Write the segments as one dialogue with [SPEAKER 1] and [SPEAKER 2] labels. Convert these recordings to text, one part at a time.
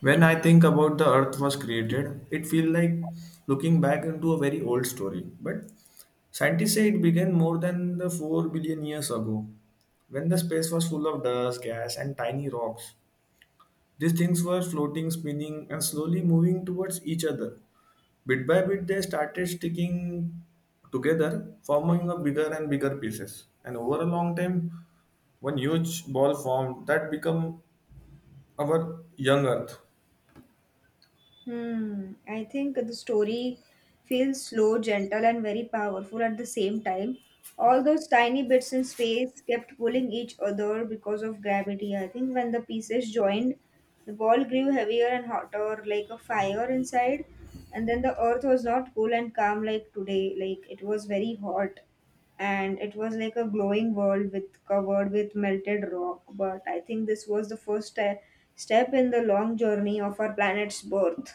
[SPEAKER 1] When I think about the earth was created, it feels like looking back into a very old story. But scientists say it began more than the 4 billion years ago, when the space was full of dust, gas, and tiny rocks. These things were floating, spinning, and slowly moving towards each other. Bit by bit, they started sticking together, forming a bigger and bigger pieces. And over a long time, one huge ball formed that became our young earth.
[SPEAKER 2] Hmm. I think the story feels slow, gentle, and very powerful at the same time. All those tiny bits in space kept pulling each other because of gravity. I think when the pieces joined, the ball grew heavier and hotter, like a fire inside. And then the Earth was not cool and calm like today, like it was very hot and it was like a glowing world with covered with melted rock, but I think this was the first step in the long journey of our planet's birth.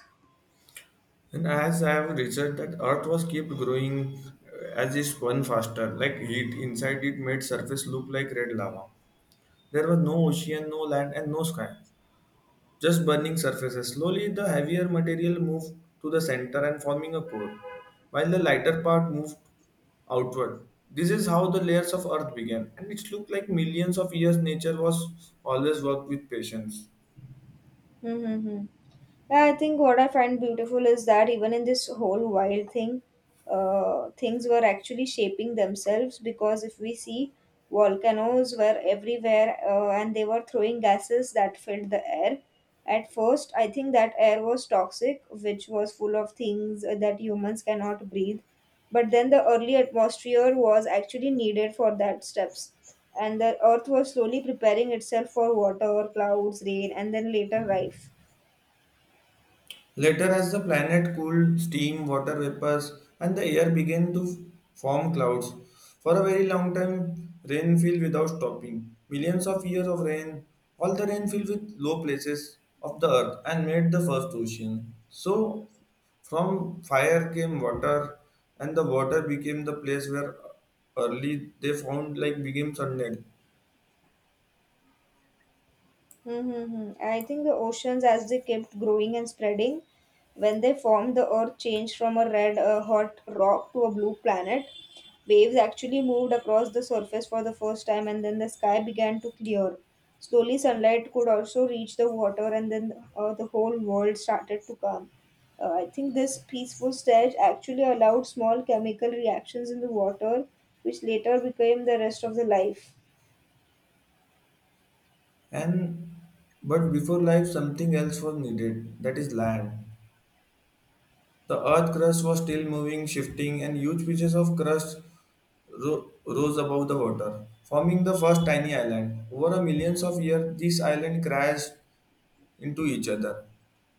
[SPEAKER 1] And as I have researched that Earth was kept growing as it spun faster, like heat inside it made surface look like red lava. There was no ocean, no land, and no sky, just burning surfaces. Slowly, the heavier material moved to the center and forming a core, while the lighter part moved outward. This is how the layers of Earth began, and it looked like millions of years. Nature was always worked with patience.
[SPEAKER 2] Mm-hmm. Yeah, I think what I find beautiful is that even in this whole wild thing, things were actually shaping themselves because if we see volcanoes were everywhere, and they were throwing gases that filled the air. At first, I think that air was toxic, which was full of things that humans cannot breathe. But then the early atmosphere was actually needed for that steps. And the earth was slowly preparing itself for water, clouds, rain, and then later life.
[SPEAKER 1] Later, as the planet cooled, steam, water vapors, and the air began to form clouds. For a very long time, rain fell without stopping. Millions of years of rain, all the rain fell with low places of the earth and made the first ocean. So, from fire came water, and the water became the place where early they found like became sunlight.
[SPEAKER 2] Mm-hmm. I think the oceans, as they kept growing and spreading, when they formed, the Earth changed from a red, hot rock to a blue planet. Waves actually moved across the surface for the first time, and then the sky began to clear. Slowly, sunlight could also reach the water, and then the whole world started to calm. I think this peaceful stage actually allowed small chemical reactions in the water, which later became the rest of the life.
[SPEAKER 1] And but before life, something else was needed. That is land. The earth crust was still moving, shifting, and huge pieces of crust rose above the water, forming the first tiny island. Over a millions of years, these islands crashed into each other,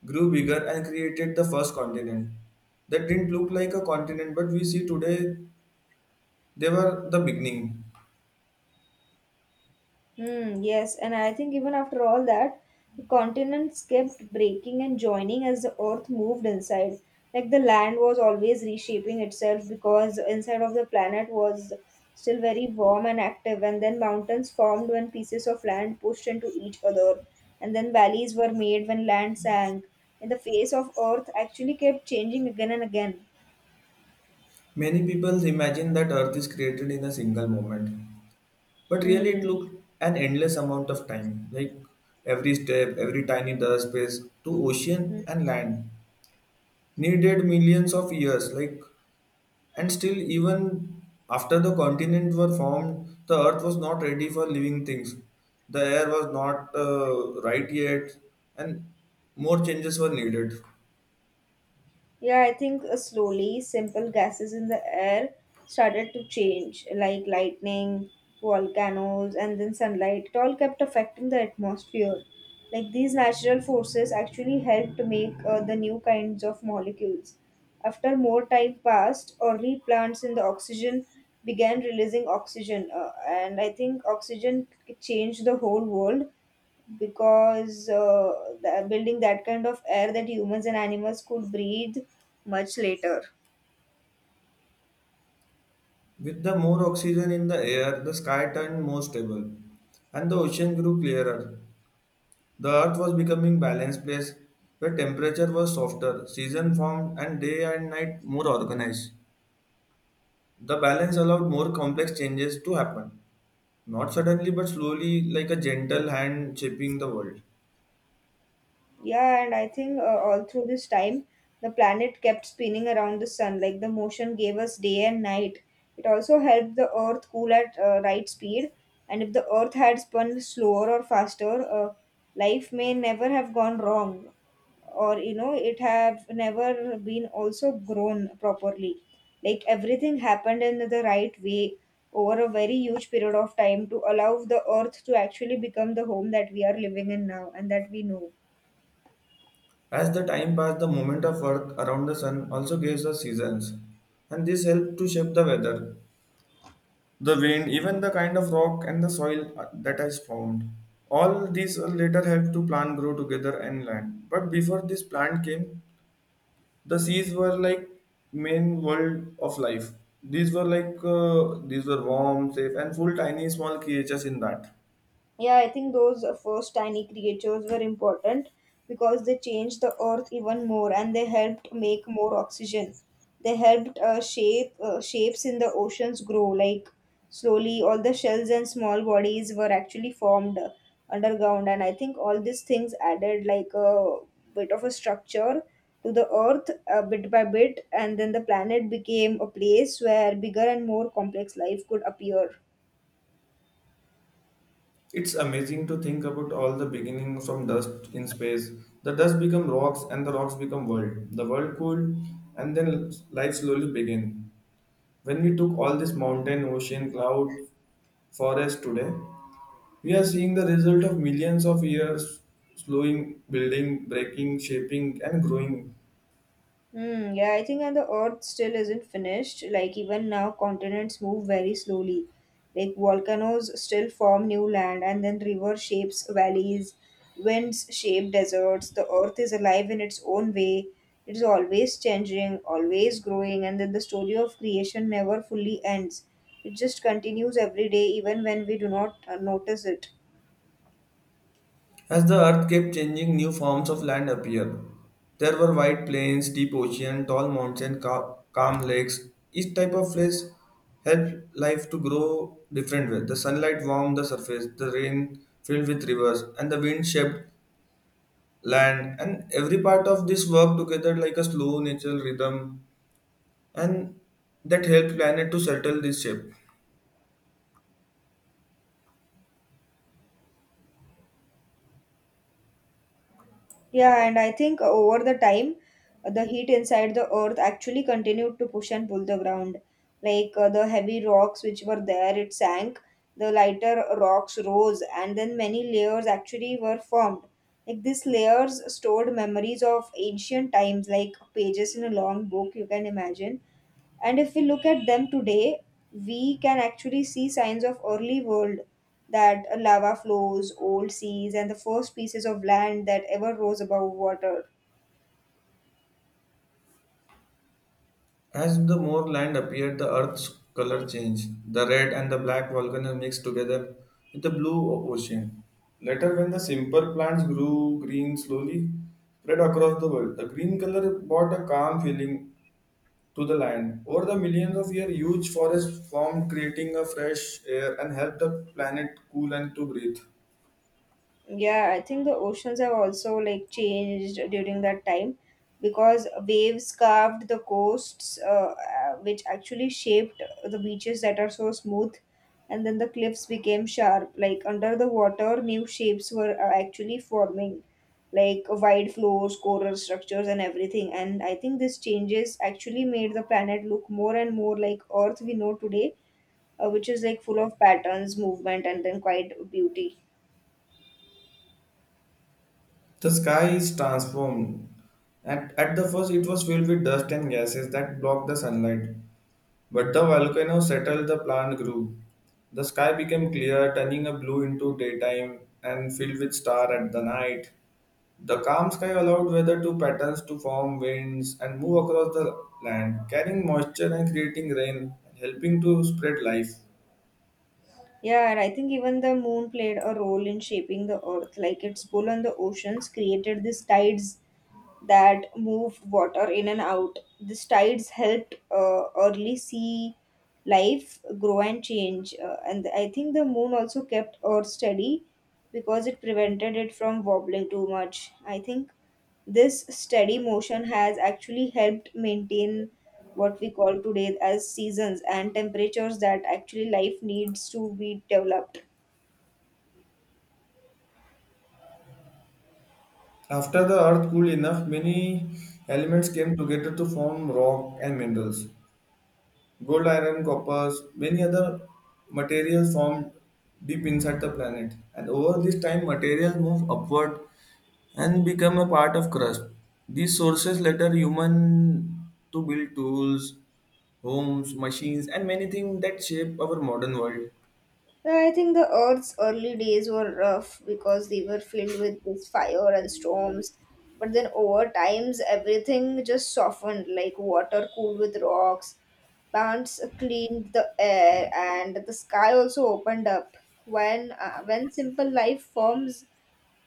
[SPEAKER 1] grew bigger, and created the first continent. That didn't look like a continent, but we see today they were the beginning.
[SPEAKER 2] Hmm, yes, and I think even after all that, the continents kept breaking and joining as the earth moved inside. Like the land was always reshaping itself because inside of the planet was still very warm and active, and then mountains formed when pieces of land pushed into each other, and then valleys were made when land sank. And the face of earth actually kept changing again and again.
[SPEAKER 1] Many people imagine that Earth is created in a single moment, but really it
[SPEAKER 2] Hmm.
[SPEAKER 1] took an endless amount of time, like every step, every tiny dust space to ocean
[SPEAKER 2] Hmm.
[SPEAKER 1] and land needed millions of years, like, and still even after the continents were formed, the earth was not ready for living things. The air was not right yet, and more changes were needed.
[SPEAKER 2] Yeah, I think slowly simple gases in the air started to change, like lightning, volcanoes, and then sunlight. It all kept affecting the atmosphere. Like these natural forces actually helped to make the new kinds of molecules. After more time passed, early plants in the oxygen began releasing oxygen, and I think oxygen changed the whole world because building that kind of air that humans and animals could breathe much later.
[SPEAKER 1] With the more oxygen in the air, the sky turned more stable, and the ocean grew clearer. The earth was becoming balanced place where temperature was softer, season formed, and day and night more organized. The balance allowed more complex changes to happen. Not suddenly, but slowly, like a gentle hand shaping the world.
[SPEAKER 2] Yeah, and I think all through this time, the planet kept spinning around the sun. Like the motion gave us day and night. It also helped the Earth cool at right speed. And if the Earth had spun slower or faster, life may never have gone wrong, or it have never been also grown properly. Like everything happened in the right way over a very huge period of time to allow the Earth to actually become the home that we are living in now and that we know.
[SPEAKER 1] As the time passed, the movement of Earth around the sun also gives us seasons, and this helped to shape the weather, the wind, even the kind of rock and the soil that is found. All these later helped to plant grow together and land. But before this plant came, the seas were like main world of life. These were like these were warm, safe, and full tiny small creatures in that.
[SPEAKER 2] Yeah, I think those first tiny creatures were important because they changed the earth even more and they helped make more oxygen. They helped shapes in the oceans grow. Like slowly all the shells and small bodies were actually formed underground, and I think all these things added like a bit of a structure to the earth bit by bit, and then the planet became a place where bigger and more complex life could appear.
[SPEAKER 1] It's amazing to think about all the beginning from dust in space. The dust become rocks and the rocks become world. The world cooled and then life slowly began. When we took all this mountain, ocean, cloud, forest today, we are seeing the result of millions of years slowing, building, breaking, shaping and growing.
[SPEAKER 2] Hmm, yeah, I think and the Earth still isn't finished. Like even now, continents move very slowly. Like volcanoes still form new land, and then river shapes valleys, winds shape deserts. The Earth is alive in its own way. It is always changing, always growing, and then the story of creation never fully ends. It just continues every day, even when we do not notice it.
[SPEAKER 1] As the earth kept changing, new forms of land appeared. There were wide plains, deep ocean, tall mountains, calm lakes. Each type of place helped life to grow different way. The sunlight warmed the surface, the rain filled with rivers, and the wind shaped land. And every part of this worked together like a slow natural rhythm, and that helped planet to settle this shape.
[SPEAKER 2] Yeah, and I think over the time, the heat inside the earth actually continued to push and pull the ground. Like the heavy rocks which were there, it sank. The lighter rocks rose, and then many layers actually were formed. Like these layers stored memories of ancient times, like pages in a long book, you can imagine, and if we look at them today we can actually see signs of early world, that lava flows, old seas, and the first pieces of land that ever rose above water.
[SPEAKER 1] As the more land appeared, the earth's color changed. The red and the black volcano mixed together with the blue ocean. Later, when the simple plants grew green slowly, spread across the world, the green color brought a calm feeling to the land. Over the millions of years, huge forests formed, creating a fresh air and helped the planet cool and to breathe.
[SPEAKER 2] Yeah, I think the oceans have also like changed during that time because waves carved the coasts, which actually shaped the beaches that are so smooth, and then the cliffs became sharp. Like under the water, new shapes were actually forming, like wide floors, coral structures, and everything. And I think these changes actually made the planet look more and more like Earth we know today, which is like full of patterns, movement, and then quite beauty.
[SPEAKER 1] The sky is transformed. At the first, it was filled with dust and gases that blocked the sunlight. But the volcano settled the plant grew. The sky became clear, turning a blue into daytime and filled with star at the night. The calm sky allowed weather to patterns to form winds and move across the land, carrying moisture and creating rain, helping to spread life.
[SPEAKER 2] Yeah, and I think even the moon played a role in shaping the earth. Like its pull on the oceans created these tides that move water in and out. These tides helped early sea life grow and change. And I think the moon also kept Earth steady because it prevented it from wobbling too much. I think this steady motion has actually helped maintain what we call today as seasons and temperatures that actually life needs to be developed.
[SPEAKER 1] After the earth cooled enough, many elements came together to form rock and minerals. Gold, iron, copper, many other materials formed deep inside the planet. And over this time, materials move upward and become a part of crust. These sources later human to build tools, homes, machines, and many things that shape our modern world.
[SPEAKER 2] I think the Earth's early days were rough because they were filled with this fire and storms. But then over times, everything just softened, like water cooled with rocks, plants cleaned the air, and the sky also opened up. When when simple life forms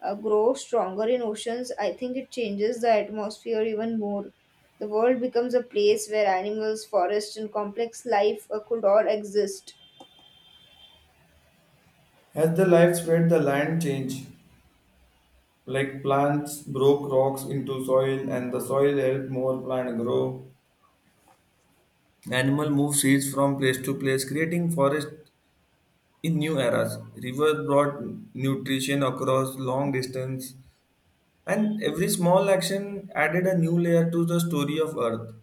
[SPEAKER 2] grow stronger in oceans, I think it changes the atmosphere even more. The world becomes a place where animals, forests, and complex life could all exist.
[SPEAKER 1] As the life spread, the land changed. Like plants broke rocks into soil, and the soil helped more plant grow. Animal move seeds from place to place, creating forest. In new eras, rivers brought nutrition across long distance, and every small action added a new layer to the story of Earth.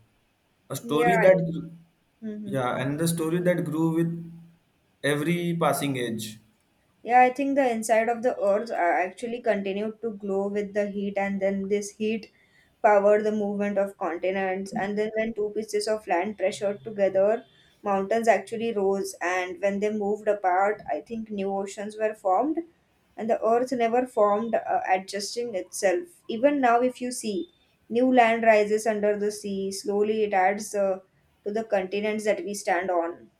[SPEAKER 1] A
[SPEAKER 2] Yeah.
[SPEAKER 1] story that,
[SPEAKER 2] Mm-hmm.
[SPEAKER 1] yeah, and the story that grew with every passing age.
[SPEAKER 2] Yeah, I think the inside of the earth actually continued to glow with the heat, and then this heat powered the movement of continents. And then, when two pieces of land pressured together, mountains actually rose. And when they moved apart, I think new oceans were formed, and the earth never formed, adjusting itself. Even now, if you see, new land rises under the sea. Slowly, it adds to the continents that we stand on.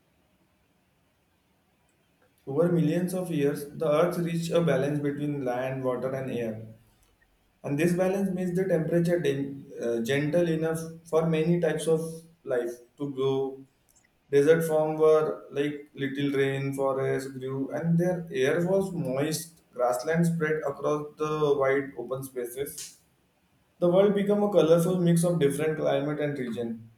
[SPEAKER 1] Over millions of years, the Earth reached a balance between land, water, and air. And this balance makes the temperature gentle enough for many types of life to grow. Desert form were like little rain forest grew, and their air was moist. Grassland spread across the wide open spaces. The world became a colorful mix of different climate and region.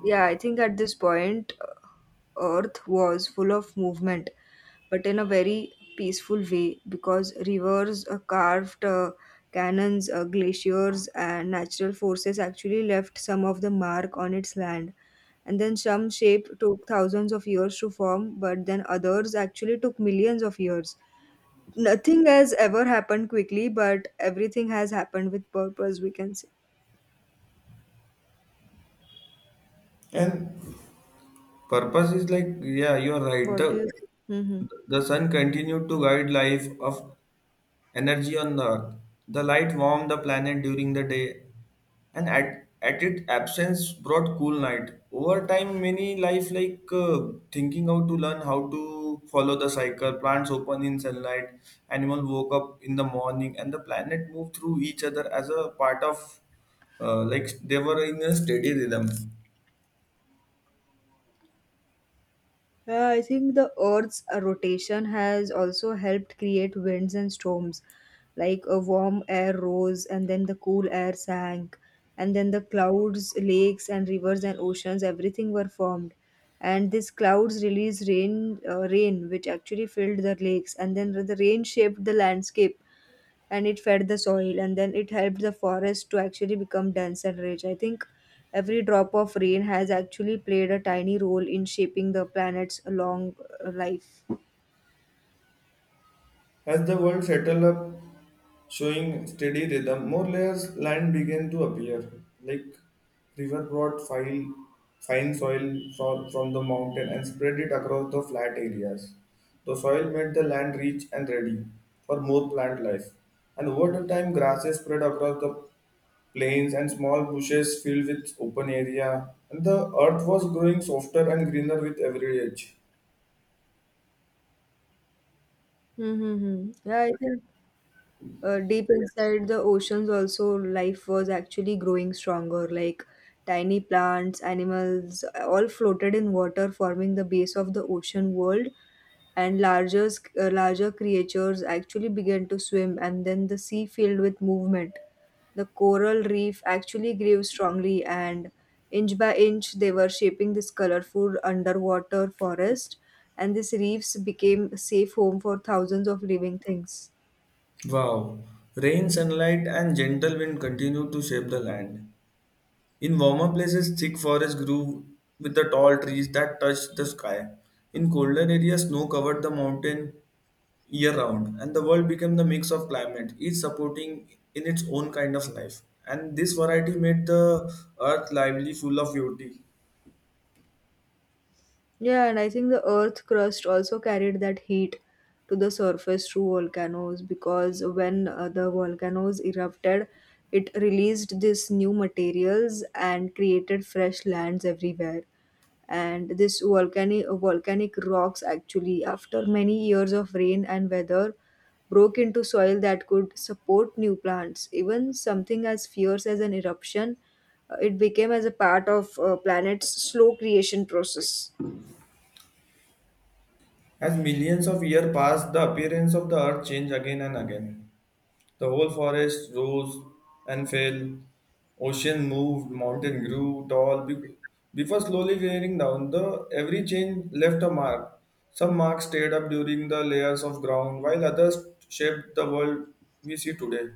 [SPEAKER 2] Yeah, I think at this point, Earth was full of movement, but in a very peaceful way because rivers, carved cannons, glaciers, and natural forces actually left some of the mark on its land. And then some shape took thousands of years to form, but then others actually took millions of years. Nothing has ever happened quickly, but everything has happened with purpose, we can say.
[SPEAKER 1] And purpose is like, yeah, you are right.
[SPEAKER 2] What do you
[SPEAKER 1] The
[SPEAKER 2] think? Hmm.
[SPEAKER 1] the sun continued to guide life of energy on Earth. The light warmed the planet during the day, and at its absence brought cool night. Over time, many life like thinking how to learn how to follow the cycle. Plants open in sunlight, animals woke up in the morning, and the planet moved through each other as a part of like they were in a steady rhythm.
[SPEAKER 2] Yeah, I think the Earth's rotation has also helped create winds and storms. Like a warm air rose, and then the cool air sank, and then the clouds, lakes, and rivers and oceans, everything were formed. And these clouds released rain, which actually filled the lakes, and then the rain shaped the landscape and it fed the soil and then it helped the forest to actually become dense and rich. I think every drop of rain has actually played a tiny role in shaping the planet's long life.
[SPEAKER 1] As the world settled up, showing steady rhythm, more layers land began to appear, like river brought fine soil from the mountain and spread it across the flat areas. The soil made the land rich and ready for more plant life. And over the time, grasses spread across the plains and small bushes filled with open area. And the earth was growing softer and greener with every age.
[SPEAKER 2] Mm-hmm. Yeah, I think deep, Yeah, inside the oceans also life was actually growing stronger, like tiny plants, animals, all floated in water forming the base of the ocean world, and larger creatures actually began to swim, and then the sea filled with movement. The coral reef actually grew strongly, and inch by inch they were shaping this colorful underwater forest, and these reefs became a safe home for thousands of living things.
[SPEAKER 1] Wow, rain, sunlight, and gentle wind continued to shape the land. In warmer places, thick forests grew with the tall trees that touched the sky. In colder areas, snow covered the mountain year round, and the world became the mix of climate, each supporting in its own kind of life. And this variety made the earth lively, full of beauty.
[SPEAKER 2] Yeah, and I think the earth crust also carried that heat to the surface through volcanoes because when the volcanoes erupted, it released this new materials and created fresh lands everywhere. And this volcanic rocks actually, after many years of rain and weather, broke into soil that could support new plants. Even something as fierce as an eruption, it became as a part of planet's slow creation process.
[SPEAKER 1] As millions of years passed, the appearance of the earth changed again and again. The whole forest rose and fell. Ocean moved, mountain grew tall before slowly wearing down. The every change left a mark. Some marks stayed up during the layers of ground, while others shaped the world we see today.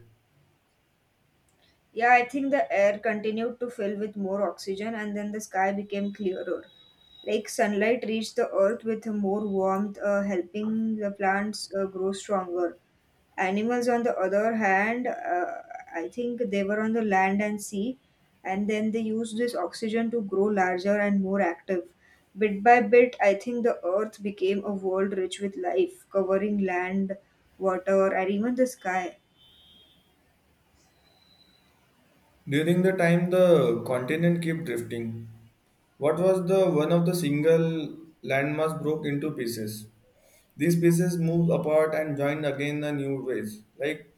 [SPEAKER 2] Yeah, I think the air continued to fill with more oxygen and then the sky became clearer. Like sunlight reached the earth with more warmth, helping the plants grow stronger. Animals, on the other hand, I think they were on the land and sea, and then they used this oxygen to grow larger and more active. Bit by bit, I think the earth became a world rich with life, covering land, water, and even the sky.
[SPEAKER 1] During the time, the continent kept drifting. What was the one of the single landmass broke into pieces. These pieces moved apart and joined again in new ways. Like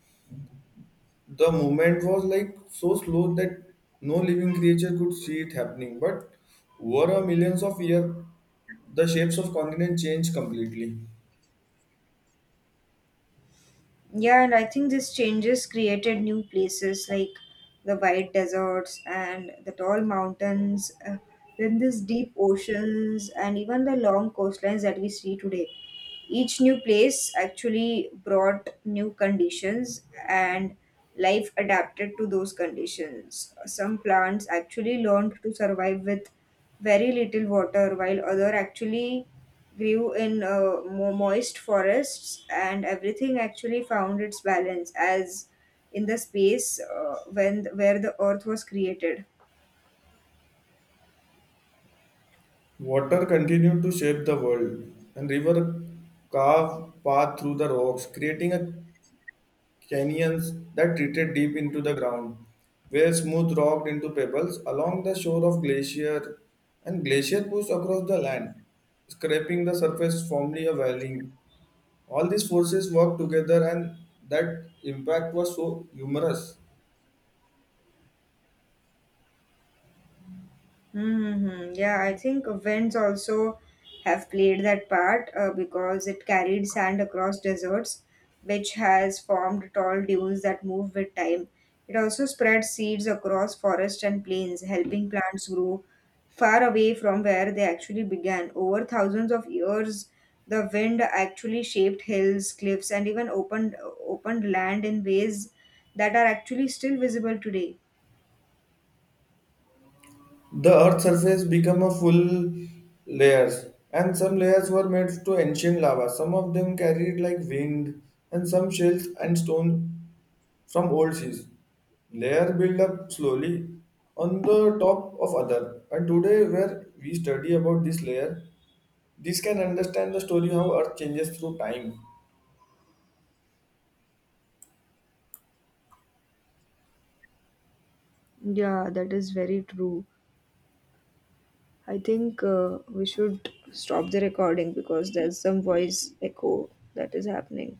[SPEAKER 1] the movement was like so slow that no living creature could see it happening, but over a millions of years the shapes of continents changed completely.
[SPEAKER 2] Yeah, and I think these changes created new places like the white deserts and the tall mountains, then these deep oceans, and even the long coastlines that we see today. Each new place actually brought new conditions, and life adapted to those conditions. Some plants actually learned to survive with very little water, while other actually grew in moist forests, and everything actually found its balance as in the space when where the earth was created.
[SPEAKER 1] Water continued to shape the world, and river carved path through the rocks, creating a canyons that retreated deep into the ground, where smooth rocked into pebbles along the shore of glacier, and glacier pushed across the land, scraping the surface, forming a valley. All these forces worked together, and that impact was so humorous.
[SPEAKER 2] Mm-hmm. Yeah, I think winds also have played that part because it carried sand across deserts, which has formed tall dunes that move with time. It also spread seeds across forests and plains, helping plants grow far away from where they actually began. Over thousands of years, the wind actually shaped hills, cliffs, and even opened land in ways that are actually still visible today.
[SPEAKER 1] The Earth's surface became a full layers, and some layers were made to ancient lava. Some of them carried like wind, and some shells and stone from old seas. Layer build up slowly on the top of other. And today, where we study about this layer, this can understand the story how Earth changes through time.
[SPEAKER 2] Yeah, that is very true. I think we should stop the recording because there's some voice echo that is happening.